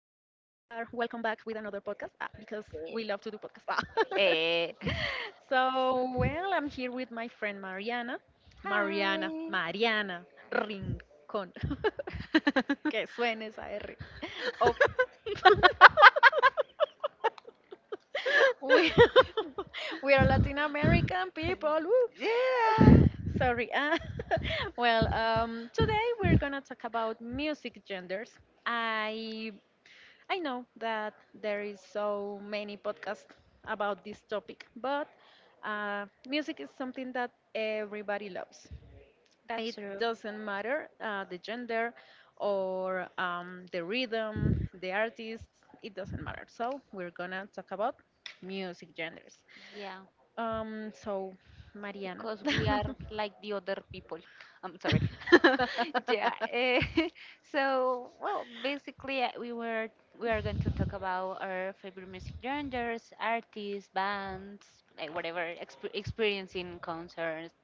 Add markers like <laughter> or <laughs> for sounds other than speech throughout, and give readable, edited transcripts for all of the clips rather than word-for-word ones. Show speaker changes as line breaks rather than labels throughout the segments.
another podcast because we
Eh.
love to do podcasts. Ah. <laughs>
eh.
So, well, I'm here with my friend Mariana. Mariana,
Hi.
Mariana Rincón. <laughs> Que
<laughs>
suene esa R. Oh. <laughs> We <laughs> we are Latin American people. Woo.
yeah.
<sighs> <laughs> Sorry. Ah. <laughs> Well, today we're gonna talk about music genders. I I know that there is so many podcasts about this topic, but music is something that everybody loves. It doesn't matter the gender or the rhythm, the artist, it doesn't matter. So we're gonna talk about music genders.
Yeah.
So Mariana.
Because we are like the other people. I'm sorry. <laughs> yeah. eh,
<laughs>
<laughs> so well, basically we are going to talk about our favorite music genres, artists, bands, like whatever experience in concerts.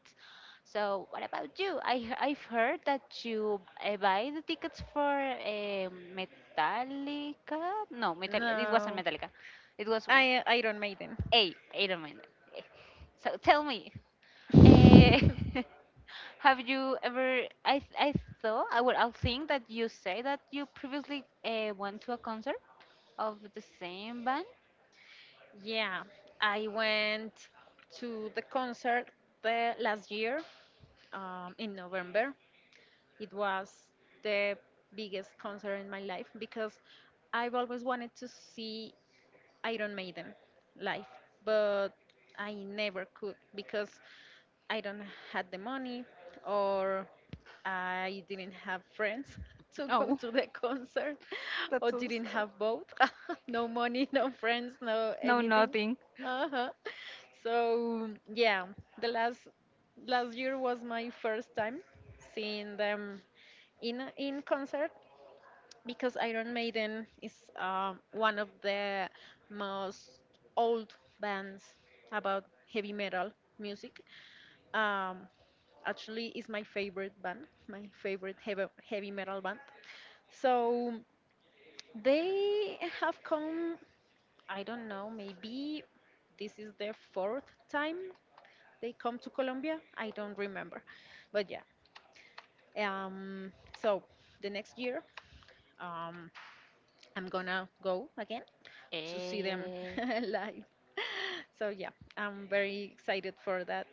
So what about you? I've heard that you buy the tickets for Metallica. No, Metal. It wasn't
no,
Metallica. It was.
I Iron Maiden.
Hey, wait a minute. Eh, So tell me. Eh,
<laughs>
<laughs> have you ever? I thought I would. I'll think that you say that you previously went to a concert of the same band.
Yeah, I went to the concert the last year in November. It was the biggest concert in my life because I've always wanted to see Iron Maiden live, but I never could because I don't had the money or I didn't have friends <laughs> to go
Oh,
to the concert <laughs>
that's
or
so
didn't
sad.
have both. <laughs> No money, no friends, no
No,
anything.
nothing.
Uh-huh. So yeah, the last year was my first time seeing them in in concert because Iron Maiden is one of the most old bands about heavy metal music. Um, actually, is my favorite band, my favorite heavy metal band. So they have come. I don't know. Maybe this is the fourth time they come to Colombia. I don't remember, but yeah. So the next year. Um, I'm gonna go again to see them
Eh,
<laughs> live. So yeah, I'm very excited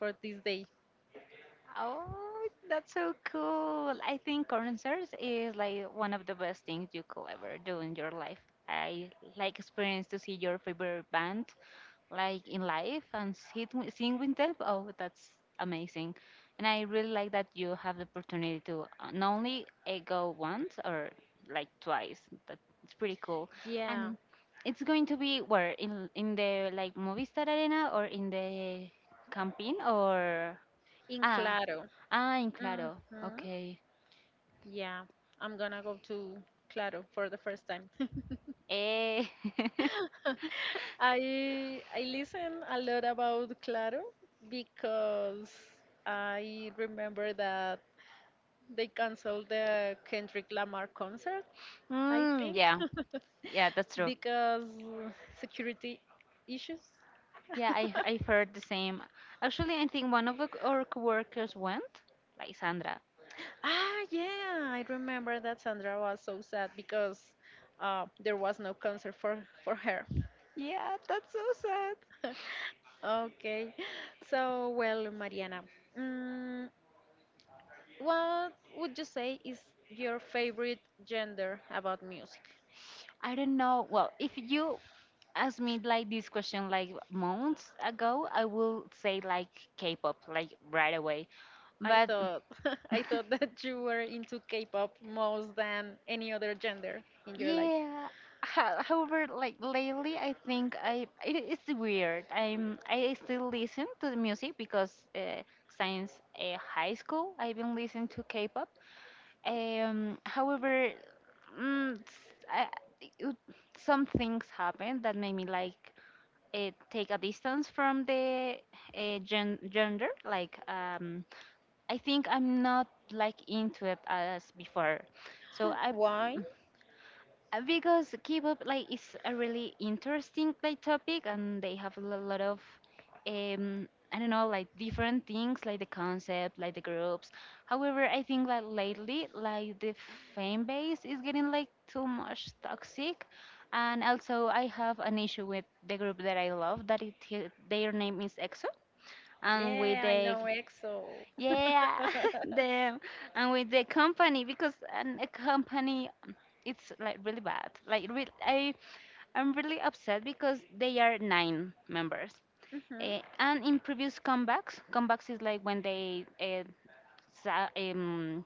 for this day.
oh, that's so cool. I think concerts is like one of the best things you could ever do in your life. I like experience to see your favorite band like in life and sit, sing with them. Oh, that's amazing. And I really like that you have the opportunity to not only go once or like twice. That it's pretty cool.
Yeah,
And it's going to be where in the like Movistar Arena or in the camping or
in
ah
Claro.
in Claro.
Hmm.
Okay.
Yeah, I'm gonna go to Claro for the first time.
Eh.
<laughs> I listen a lot about Claro because I remember that they canceled the Kendrick Lamar concert
<laughs>
I think
Yeah. Yeah, that's
<laughs>
true.
because security issues.
Yeah,
<laughs>
I heard the same. Actually, I think one of the, our coworkers went, like Sandra.
Yeah, I remember that Sandra was so sad because there was no concert for her.
Yeah, that's so sad.
<laughs> Okay, so well, Mariana, mm, what would you say is your favorite gender about music?
I don't know. Well, if you asked me like this question like months ago, I will say like K-pop like right away.
I
But
thought <laughs>
<laughs>
I thought that you were into K-pop more than any other gender in your life.
yeah. However, like lately, I think I it is weird. I still listen to the music because since high school I've been listening to K-pop. However, mm, s- I, it, some things happen that made me like take a distance from the gender. Like I think I'm not like into it as before. So I
Why?
because K-pop like is a really interesting like topic, and they have a lot of I don't know like different things like the concept, like the groups. However, I think like lately like the fan base is getting like too much toxic, and also I have an issue with the group that I love that it their name is EXO, and with
Yeah, I
the
know EXO.
yeah,
<laughs>
<laughs> the and with the company because a company it's like really bad. Like re I I'm really upset because they are 9 members.
Hmm.
And in previous comebacks, comebacks is like when they sa- um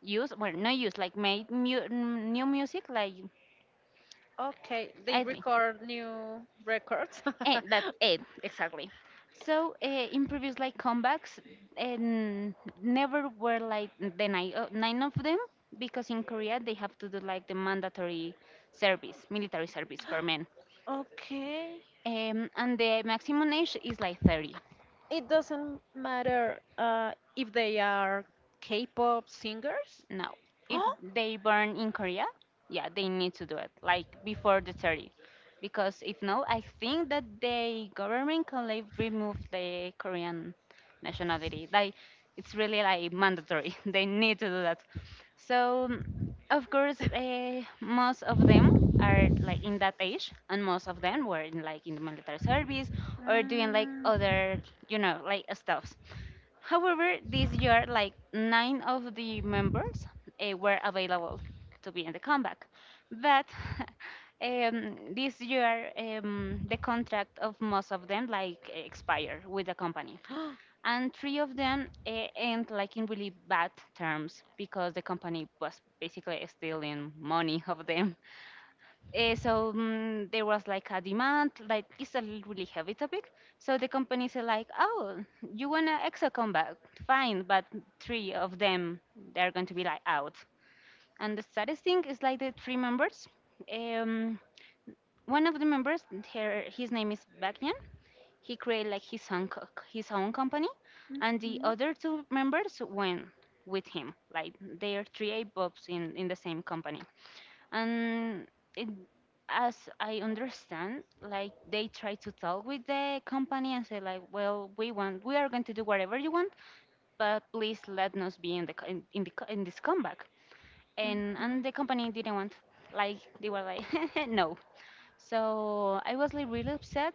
use well not use like made mu new music like
Okay, they
I think.
record new records.
And that's
<laughs>
it, exactly. So in previous like comebacks, and never were like the nine, nine of them because in Korea they have to do like the mandatory service, military service for men.
Okay.
And the maximum age is like 30.
It doesn't matter if they are K-pop singers.
No. If
Oh.
they born in Korea, yeah, they need to do it like before the 30. Because if no, I think that the government can like remove the Korean nationality. Like it's really like mandatory. <laughs> they need to do that. So of course, most of them are like in that age, and most of them were in, like in the military service or doing like
Mm.
other, you know, like stuffs. However, this year, like 9 of the members were available to be in the comeback. But <laughs> this year, the contract of most of them like expire with the company.
<gasps>
And three of them end like in really bad terms because the company was basically stealing money of them there was like a demand, like it's a really heavy topic. So the companies are like, oh, you want an exo combat? Fine, but three of them they're going to be like out. And the saddest thing is like the three members. Um, One of the members, his name is Bakyan. He created like his own company, and the other two members went with him. Like they are three A-Bobs in the same company and it, as I understand, like they try to talk with the company and say like, well, we are going to do whatever you want, but please let us be in this comeback.
Mhm.
And
Mhm.
the company didn't want, like they were like, <laughs> no. So I was like really upset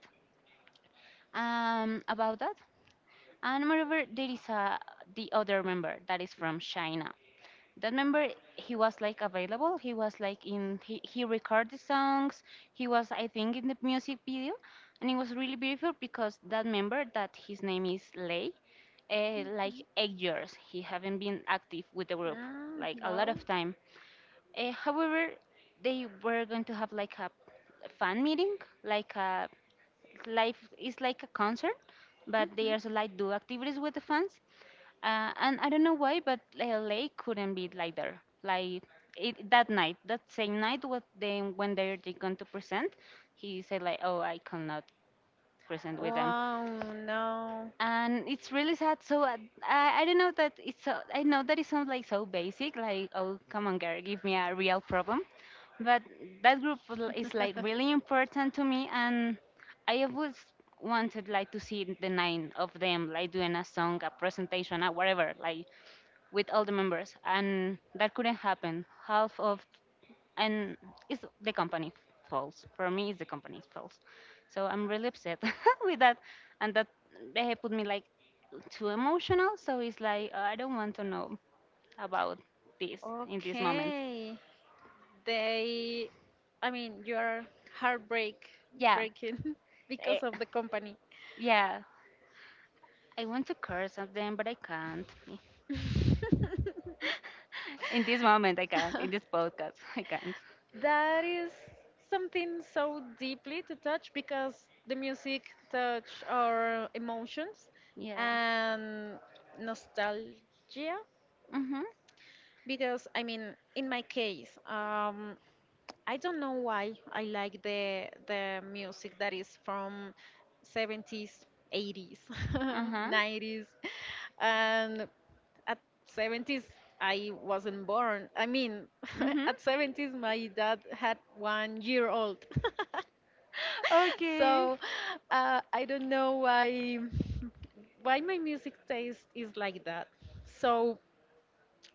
about that. And moreover, there is a the other member that is from China. That member he was like in he recorded songs. He was I think in the music video, and it was really beautiful because that member that his name is Lei like
Mhm.
8 years he haven't been active with the group,
Ah,
like a lot
wow.
of time. However, they were going to have like a fan meeting, like a live is like a concert, but they
Mhm.
also like do activities with the fans, and I don't know why, but LA couldn't be like there. Like it, that night, that same night, when they're going to present, he said like, "Oh, I cannot present with them,"
Wow, no.
and it's really sad. So I don't know that it's so. I know that it sounds like so basic, like, "Oh, come on, girl, give me a real problem," but that group is like really
<laughs>
important to me, and I always wanted like to see the nine of them like doing a song, a presentation, or whatever, like with all the members, and that couldn't happen. Half of and It's the company faults. For me, it's the company's fault. So I'm really upset <laughs> with that, and that they put me like too emotional. So it's like I don't want to know about this in this moment.
Okay. They, I mean, you are heartbreak
Yeah,
breaking <laughs>
eh,
because of the company.
yeah. I want to curse at them, but I can't. <laughs> In this moment, I can't.
<laughs>
In this podcast, <laughs> I can't.
That is something so deeply to touch because the music touch our emotions
Yeah.
and nostalgia
Mhm.
because I mean in my case, I don't know why I like the music that is from 70s, 80s,
Uh huh.
90s, <laughs> and at 70s I wasn't born. I mean, <laughs>
Mhm.
at 70s my dad had 1 year old, <laughs> so
Okay.
I don't know why my music taste is like that. So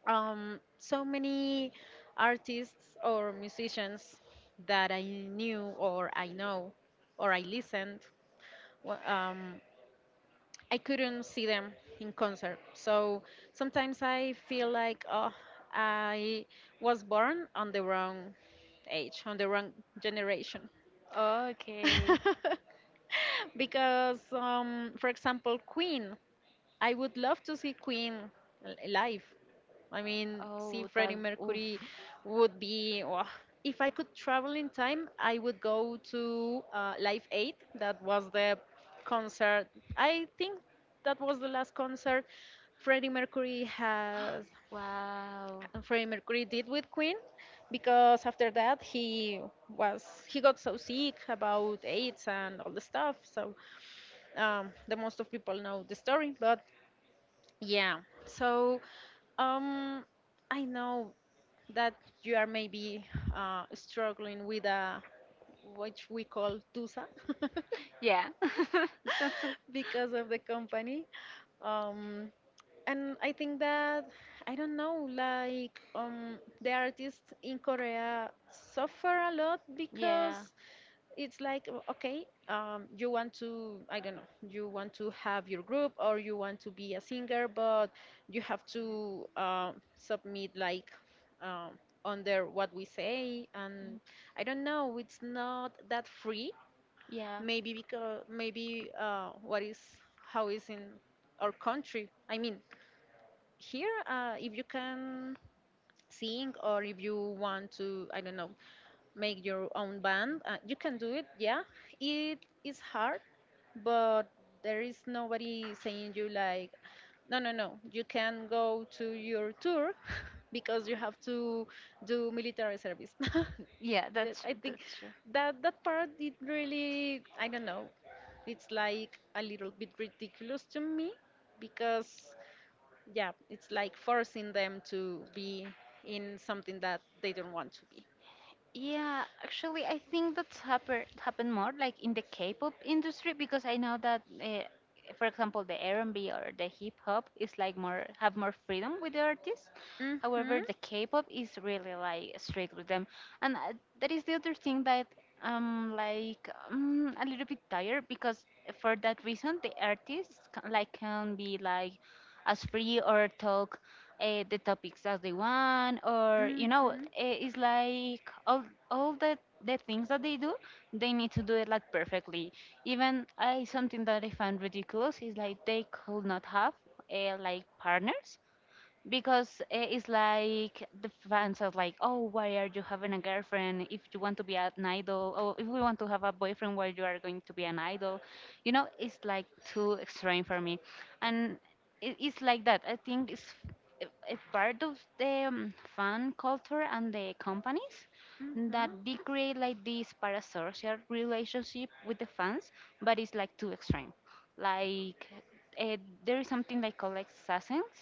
so many artists or musicians that I knew or I know or I listened, wa- um, I couldn't see them in concert. So sometimes I feel like oh, I was born on the wrong age, on the wrong generation.
Okay.
<laughs> Because, for example, Queen. I would love to see Queen live. I mean, see
Oh,
Freddie
that. Oof.
Mercury would be. Wah. If I could travel in time, I would go to Live 8. That was the concert. I think that was the last concert Freddie Mercury has.
Wow.
Freddie Mercury did with Queen, because after that was he got so sick about AIDS and all the stuff. So the most of people know the story, but yeah. So, um, I know that you are maybe struggling with a what we call TUSA. <laughs>
Yeah. <laughs> That's.
<laughs> Because of the company. Um, and I think that I don't know, like the artists in Korea suffer a lot
Yeah.
because it's like okay, you want to I don't know, you want to have your group or you want to be a singer, but you have to submit like um, under what we say,
mm,
and I don't know, it's not that free
Yeah.
maybe because maybe what is how is in our country I mean here if you can sing or if you want to I don't know make your own band. You can do it, yeah. It is hard, but there is nobody saying you like, no, no, no. You can go to your tour <laughs> because you have to do military service.
Yeah.
<laughs> I think
That's true.
that that part it really I don't know. It's like a little bit ridiculous to me because yeah, it's like forcing them to be in something that they don't want to be.
Yeah, actually, I think that's happened more like in the K-pop industry because I know that, for example, the R&B or the hip hop is like more have more freedom with the artists. However,
Mhm.
the K-pop is really like strict with them, and that is the other thing that I'm like a little bit tired because for that reason the artists can, like can be like as free or talk the topics that they want, or you know,
Mm-hmm.
it's like all the things that they do, they need to do it like perfectly. Even I something that I find ridiculous is like they could not have like partners because it's like the fans are like, oh, why are you having a girlfriend if you want to be an idol? Or if we want to have a boyfriend, why you are going to be an idol? You know, it's like too extreme for me, and it's like that. I think it's a part of the fan culture and the companies
Mm-hmm.
that they create like this parasocial relationship with the fans, but it's like too extreme. Like uh, there is something like called assassins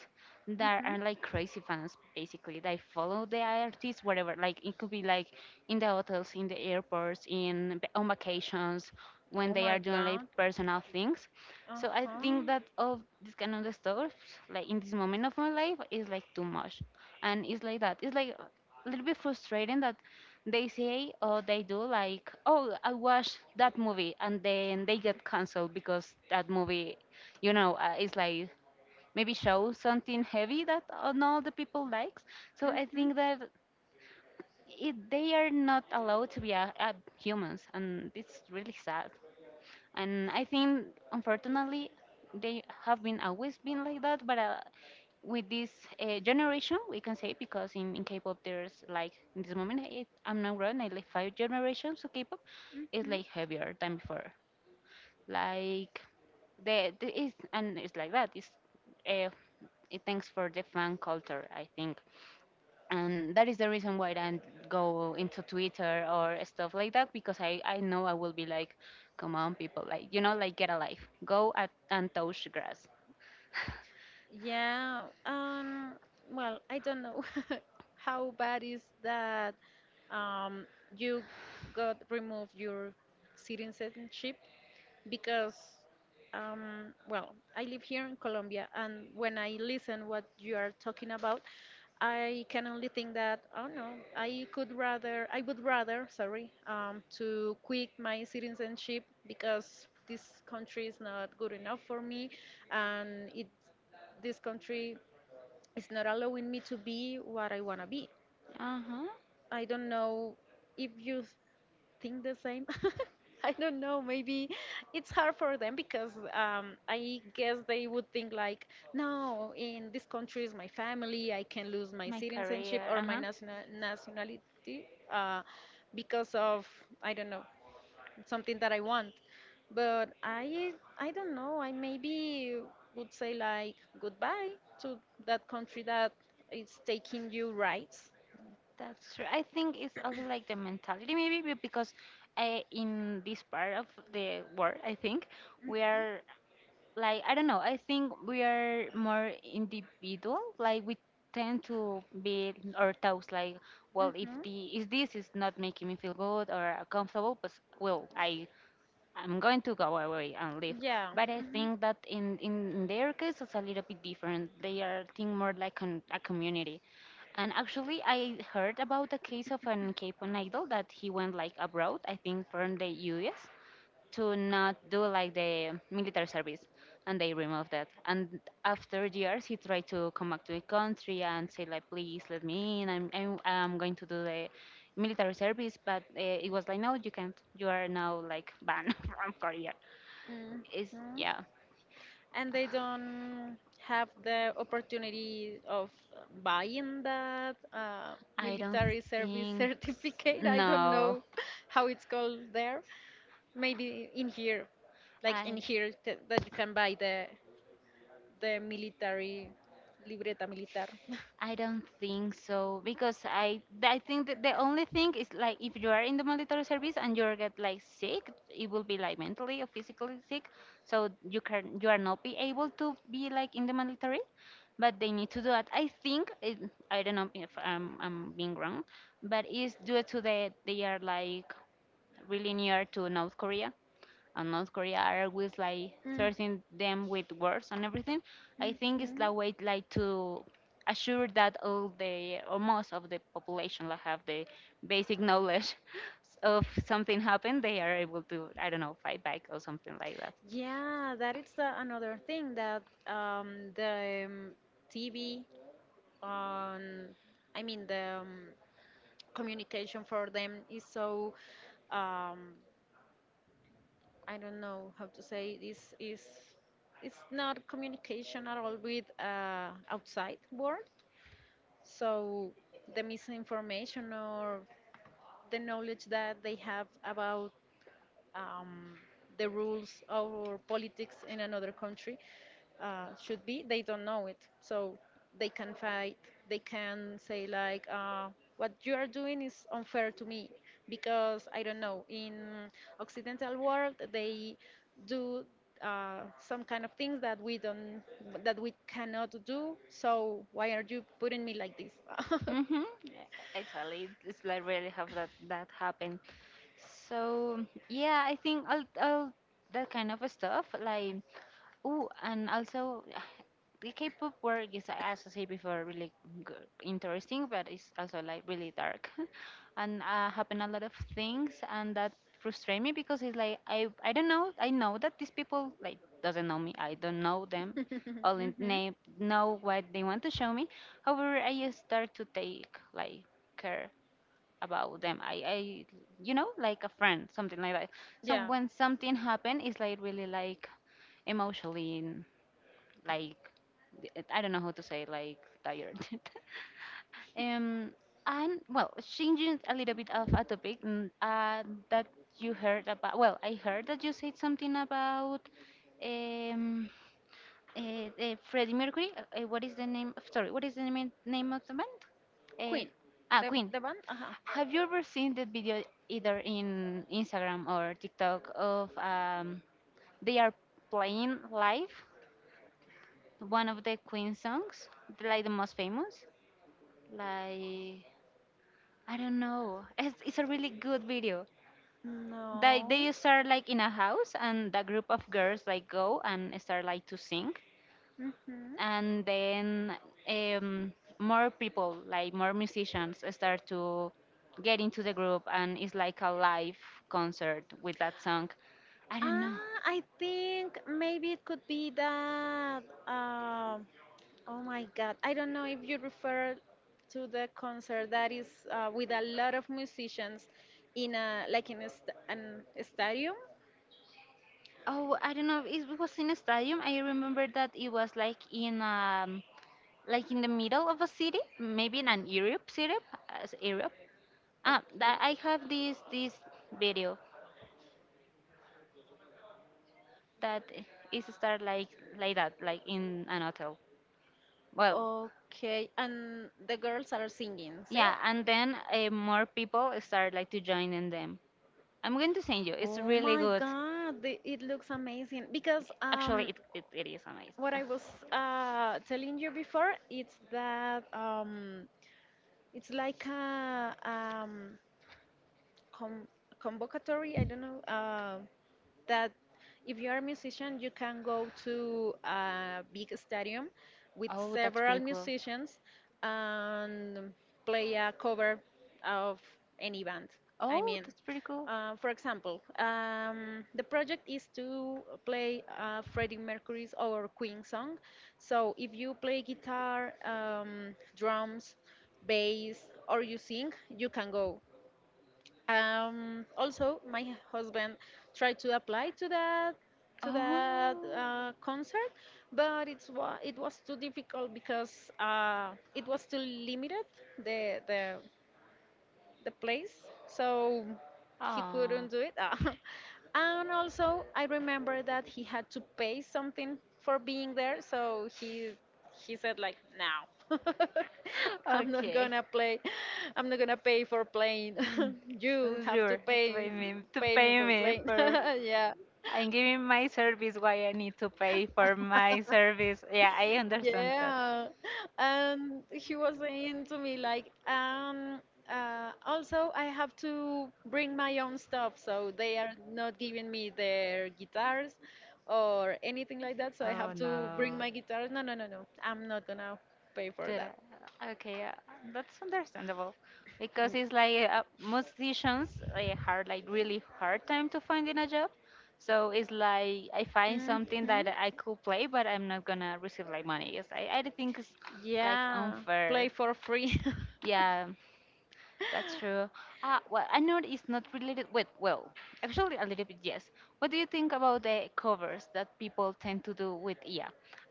that
Hmm.
are like crazy fans. Basically they follow the artists wherever, like it could be like in the hotels, in the airports, in on vacations, when
Oh
they are
my
doing like
god.
personal things.
Uh
So I
huh.
think that of this kind of stuff, like in this moment of my life is like too much, and it's like that, it's like a little bit frustrating that they say or they do like, oh, I watched that movie, and then they get cancelled because that movie, you know, it's like maybe show something heavy that not the people likes. So I
Hmm.
think that they are not allowed to be a humans, and it's really sad. And I think, unfortunately, they have been always been like that. But with this generation, we can say because in K-pop there's like in this moment, it, I'm not wrong, I like 5 generations of K-pop is
Hmm.
like heavier than before. Like and it's like that. It's uh, it thanks for the fan culture, I think, and that is the reason why I don't go into Twitter or stuff like that because I know I will be like, come on, people, like you know, like get a life, go at, and touch grass. <laughs>
Yeah. Well, I don't know <laughs> how bad is that. Um. You got removed your citizenship because well I live here in Colombia and when I listen what you are talking about I can only think that oh no I would rather sorry, to quit my citizenship because this country is not good enough for me and it this country is not allowing me to be what I want to be
uh huh.
I don't know if you think the same. <laughs> I don't know. Maybe it's hard for them because I guess they would think like, no, in this country is my family. I can lose my
My
citizenship
career.
or
Uh
my
huh.
nationality uh, because of I don't know something that I want. But I don't know. I maybe would say like goodbye to that country that is taking you rights.
That's true. I think it's also like the mentality, because I, in this part of the world, I think we are like, I don't know, I think we are more individual. Like, we tend to be our thoughts like, well, if
Hmm.
the if this is not making me feel good or comfortable, but well, I'm going to go away and leave.
Yeah.
But I think that in their case, it's a little bit different. They are think more like a community. And actually, I heard about the case of an K-pop idol that he went like abroad, I think from the US, to not do like the military service, and they removed that, and after years he tried to come back to the country and say like please let me in I'm going to do the military service, but it was like no you can't, you are now like banned <laughs> from Korea.
Hmm.
It's yeah.
Hmm. And they don't have the opportunity of buying that
i don't
military service <laughs>
think
certificate. I don't
no
know <laughs> how it's called there. Maybe in here, like in
i
here, that you can buy the military libreta militar. <laughs>
I don't think so because I think that the only thing is like if you are in the military service and you get like sick, it will be like mentally or physically sick, so you can you are not be able to be like in the military, but they need to do that. I don't know if I'm being wrong, but it's due to the they are like really near to North Korea, and North Korea are always like
Mm,
threatening them with wars and everything. I think it's
mhm.
the way like to assure that all the or most of the population like have the basic knowledge <laughs> of something happened, they are able to I don't know fight back or something like that.
Yeah, that is another thing that the TV on, I mean, the communication for them is so, um, I don't know how to say this is, it's not communication at all with outside world. So the misinformation or the knowledge that they have about um, the rules or politics in another country should be, they don't know it. So they can fight. They can say like, "What you are doing is unfair to me," because I don't know. In Occidental world, they do some kind of things that we don't, that we cannot do. So why are you putting me like this? <laughs>
Mm-hmm. Actually, it's like really have that happen. So yeah, I think all that kind of stuff. Like oh, and also <sighs> the K-pop work is, as I said before, really g interesting, but it's also like really dark, <laughs> and happen a lot of things, and that frustrate me because it's like I don't know. I know that these people like doesn't know me. I don't know them. Only
Mhm.
name know what they want to show me. However, I start to take like care about them. I you know, like a friend, something like that. So
Yeah,
when something happen, it's like really like emotionally like I don't know how to say like tired. <laughs> Um, and well, changing a little bit of a topic that you heard about. Well, I heard that you said something about um, Freddie Mercury. What is the name? Sorry, what is the name of the band? Uh,
Queen.
ah,
The
Queen.
the band.
Have you ever seen that video either in Instagram or TikTok of they are playing live one of the Queen songs, like the most famous? Like I don't know. It's a really good video.
No.
They start like in a house and the group of girls like go and start like to sing
Mm-hmm.
and then um, more people like more musicians start to get into the group, and it's like a live concert with that song. I don't know.
Ah, I think maybe it could be that. Oh my God, I don't know if you refer to the concert that is with a lot of musicians in a, like, in an stadium.
Oh, I don't know, it was in a stadium. I remember that it was like in the middle of a city, maybe in an Europe city, as Europe. Ah,
Okay.
that I have this video that is start like that like in an hotel, well.
Okay, and the girls are singing. See?
Yeah, and then more people start like to join in them. I'm going to send you. It's
Oh
really
my
good.
God, it looks amazing. Because
Actually, it is amazing.
what
<laughs>
I was telling you before, it's that it's like a com- convocatory. I don't know. That if you are a musician, you can go to a big stadium with
Oh, that's
several
pretty cool.
musicians and play a cover of any band. I
Oh,
mean,
that's pretty cool.
for example, the project is to play Freddie Mercury's or Queen song. So if you play guitar, drums, bass, or you sing, you can go. Also, my husband tried to apply to that
Oh.
concert, but it was too difficult because it was too limited the the the place, so he
Oh.
couldn't do it. Ah. <laughs> And also, I remember that he had to pay something for being there, so he said like, "No, <laughs> I'm not
Okay.
gonna play. I'm not gonna pay for playing.
Mm.
<laughs> You have to
Sure,
pay
to
pay me
pay
for
me
playing." <laughs>
for
Yeah.
I'm giving my service, why I need to pay for my service. Yeah, I understand that.
Yeah, and he was saying to me like, also I have to bring my own stuff, so they are not giving me their guitars or anything like that, so I
Oh
have to bring
no.
my guitar. No, no, no, no, I'm not gonna pay for
Dude,
that.
okay, that's understandable because it's like musicians they have like really hard time to finding a job. So it's like I find
Mm.
something that
Mhm.
I could play, but I'm not gonna receive like money. Yes, I think it's like
Yeah, play
unfair.
for free. <laughs>
Yeah. That's true. Well, I know it's not related with, well, actually a little bit, yes. What do you think about the covers that people tend to do with IA?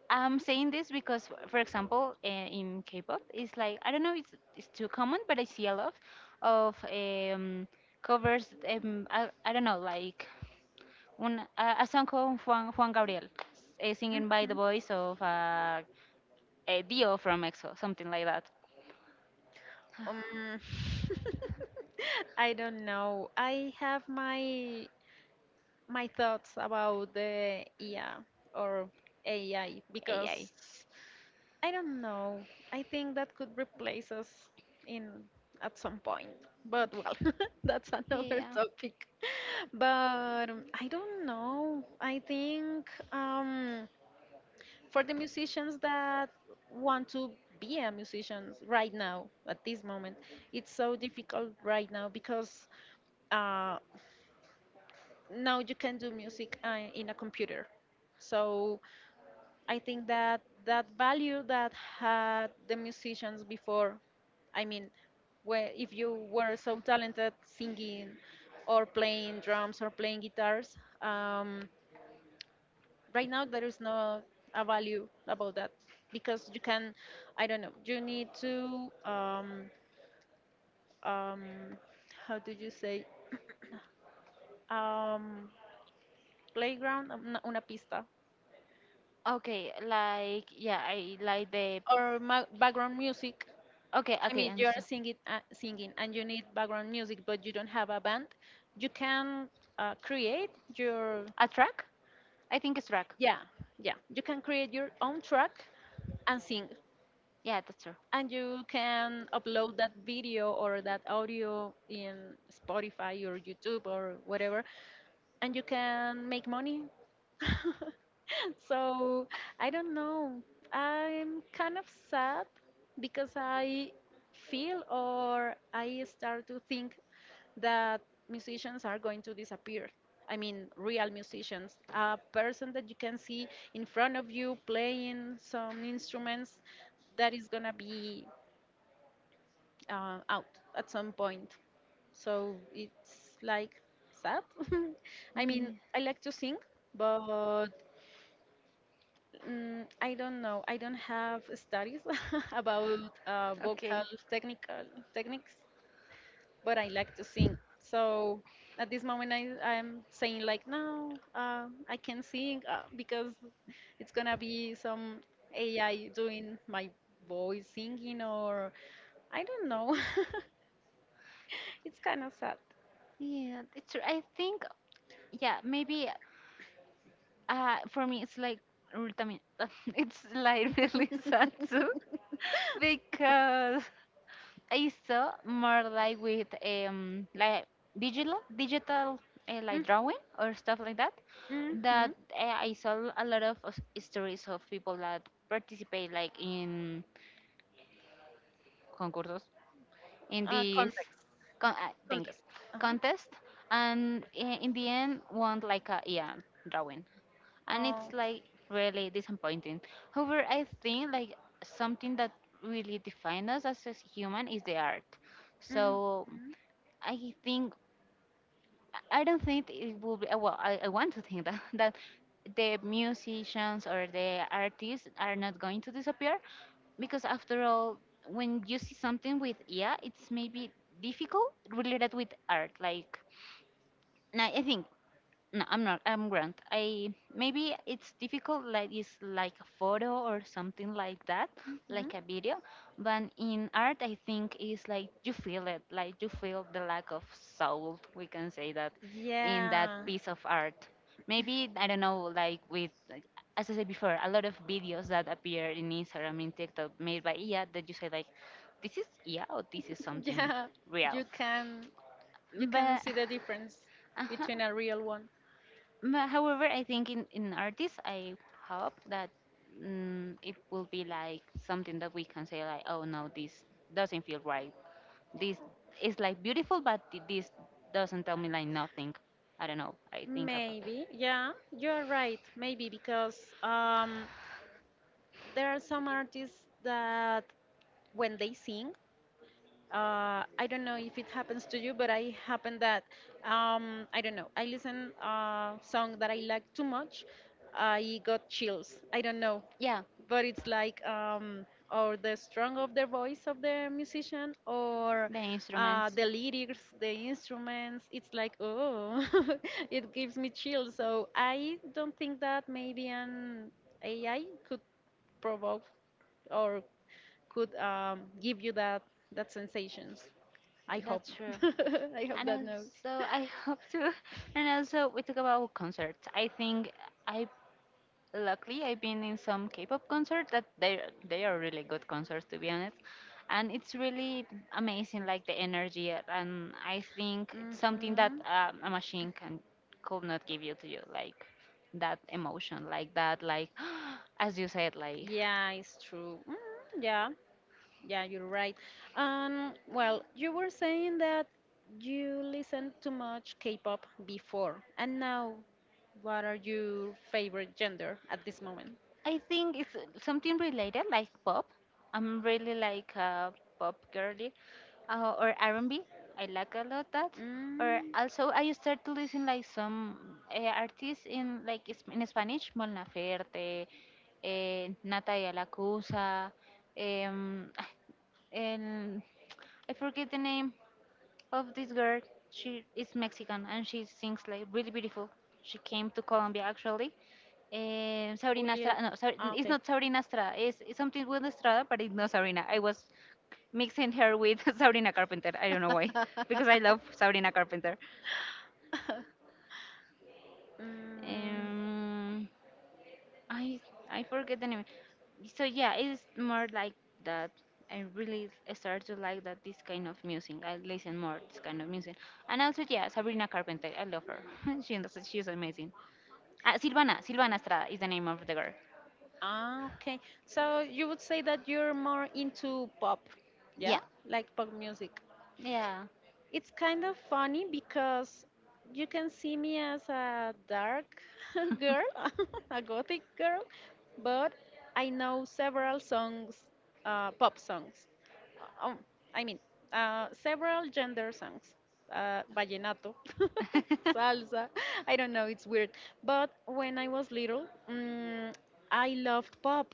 I'm saying this because, for example, in K-pop, it's like, I don't know, it's too common, but I see a lot of covers, I don't know, like a song called Juan Gabriel, singing by the
Mhm.
voice of a Dio from EXO, something like that.
Um, <laughs> I don't know. I have my thoughts about the IA or AI because
AI.
I don't know. I think that could replace us in at some point. But well, <laughs> that's another
Yeah.
topic. <laughs> But I don't know. I think for the musicians that want to be a musician right now, at this moment, it's so difficult right now because uh, now you can do music in a computer. So I think that that value that had the musicians before, I mean, where if you were so talented singing or playing drums or playing guitars, right now there is no a value about that because you can, I don't know, you need to, um, how do you say, um, playground, una pista,
Okay, like yeah, I like the
or background music.
Okay,
I
okay,
mean,
and
you are
so
singing, singing, and you need background music, but you don't have a band. You can create your,
a track? I think it's track.
yeah, yeah. You can create your own track and sing,
Yeah, that's true.
and you can upload that video or that audio in Spotify or YouTube or whatever, and you can make money. <laughs> so I don't know. I'm kind of sad because I feel or I start to think that musicians are going to disappear. I mean, real musicians, a person that you can see in front of you playing some instruments that is gonna be out at some point. So it's like sad. <laughs> I mean, I
Yeah.
like to sing, but I don't know. I don't have studies <laughs> about vocal
Okay.
technical techniques. But I like to sing. So at this moment, I'm saying like, no, I can sing because it's gonna be some AI doing my voice singing or I don't know. <laughs> It's kind of sad.
Yeah, it's true. I think yeah, maybe. For me, it's like también- <laughs> it's like really sad too <laughs> because I saw more like with like digital like
Mm-hmm.
drawing or stuff like that that
Mm-hmm.
I saw a lot of stories of people that participate like in concursos in this
Context.
thank you,
Context. Uh-huh.
contest, and in the end won like a yeah drawing, and it's
Oh.
like really disappointing. However, I think like something that really defines us as a human is the art. So
Mm-hmm.
I think I don't think it will be. Well, I want to think that <laughs> that the musicians or the artists are not going to disappear because after all, when you see something with yeah, it's maybe difficult related with art, like no, I think no, I'm not. I'm Grant. I maybe it's difficult. Like it's like a photo or something like that,
Mm-hmm.
like a video. But in art, I think it's like you feel it. Like you feel the lack of soul. We can say that in that
Yeah. <laughs>
piece of art. Maybe I don't know. Like with like, as I said before, a lot of videos that appear in Instagram, in TikTok, made by IA, that you say like, this is IA or this is something
Yeah, you
real.
can you can
But.
see
<sighs>
the difference
<laughs> Uh-huh.
between a real one.
However, I think in artists, I hope that it will be like something that we can say like, oh no, this doesn't feel right. This is like beautiful, but this doesn't tell me like nothing. I don't know. I think about that.
Maybe, yeah, you're right. Maybe because there are some artists that when they sing, I don't know if it happens to you, but I happen that I don't know. I listen a song that I like too much. I got chills. I don't know.
Yeah,
But it's like or the strong of the voice of the musician or
the instruments.
the lyrics the instruments it's like oh, <laughs> it gives me chills, so I don't think that maybe an AI could provoke or could give you that that sensations. I hope.
That's true.
<laughs> I hope
And
that no.
also, I hope to. <laughs> And also, we talk about concerts. I think I luckily I've been in some K-pop concerts that they are really good concerts to be honest, and it's really amazing like the energy, and I think it's something that
Hmm.
a machine can could not give you to you like that emotion like that like <gasps> as you said like.
Yeah, it's true. Yeah. Yeah, you're right. Well, you were saying that you listened to much K-pop before, and now, what are your favorite gender at this moment?
I think it's something related, like pop. I'm really like a pop girly, or R&B. I like a lot that. Or
Mm,
also, I start to listen like some artists in like in Spanish, Molnaferte, Natalia Lacusa, um, <sighs> and I forget the name of this girl. She is Mexican and she sings like really beautiful. She came to Colombia actually. Sabrina
Juliet.
Estrada, no, sorry,
Ah,
it's
okay.
not
<laughs>
Sabrina Estrada. It's something with Estrada, but it's not Sabrina. I was mixing her with <laughs> Sabrina Carpenter. I don't know why, because I love Sabrina Carpenter.
Mm,
Um, I I forget the name. So yeah, it's more like that. I really start to like that this kind of music. I listen more this kind of music. And also yeah, Sabrina Carpenter. I love her. <laughs> she she's amazing. Silvana Estrada is the name of the girl.
ah, okay. So you would say that you're more into pop,
Yeah,
yeah? Like pop music.
yeah.
It's kind of funny because you can see me as a dark <laughs> girl, <laughs> a gothic girl, but I know several songs,
<laughs>
pop songs. Uh, Um, I mean, several gender songs. Vallenato, <laughs> salsa. I don't know, it's weird. But when I was little, I loved pop.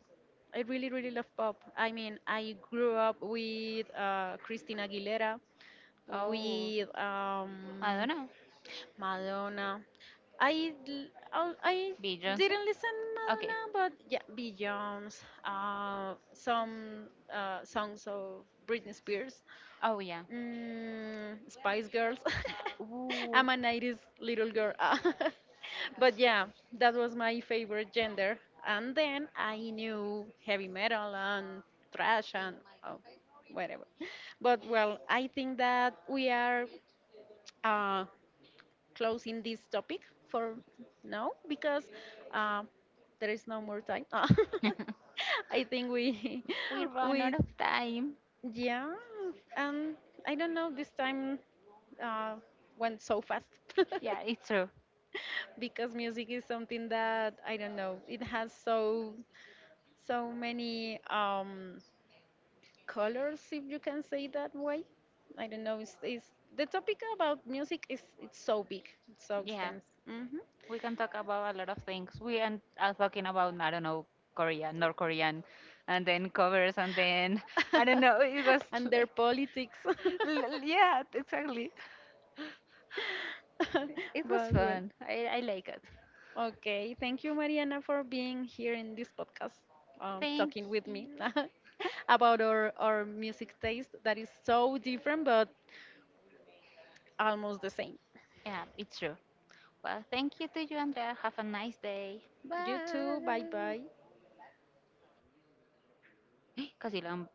I really, really love pop. I mean, I grew up with Christina Aguilera
<laughs> oh,
with
I don't know.
Madonna. I l- I
Beyonce?
didn't listen
Okay.
Madonna, but yeah, Beyonce, some songs of Britney Spears,
Oh, yeah.
Spice Girls.
Yeah.
<laughs>
Ooh.
I'm a 90s little girl. <laughs> But yeah, that was my favorite gender. And then I knew heavy metal and thrash and oh, whatever. But well, I think that we are uh, closing this topic for now because uh, there is no more time. Ah,
<laughs>
<laughs> I think we
we
<laughs>
run out
we
of time.
yeah, and I don't know. This time uh, went so fast
Yeah, it's true.
<laughs> because music is something that I don't know. It has so many colors, if you can say that way. I don't know. It's the topic about music is it's so big, it's so
Yeah,
extensive. Hmm.
we can talk about a lot of things. We and are talking about I don't know Korea, North Korean, and then covers, and then I don't know. It was
<laughs>
<laughs>
And their
like,
politics. <laughs> <laughs>
yeah, exactly.
But
It was
well,
fun. I like it.
okay. Thank you, Mariana, for being here in this podcast,
Thank
talking with me
you.
<laughs> about our music taste that is so different but almost the same.
Yeah, it's true. Well, thank you to you, Andrea. Have a nice day.
You too. Bye
Bye.
bye.
<gasps> Casi lo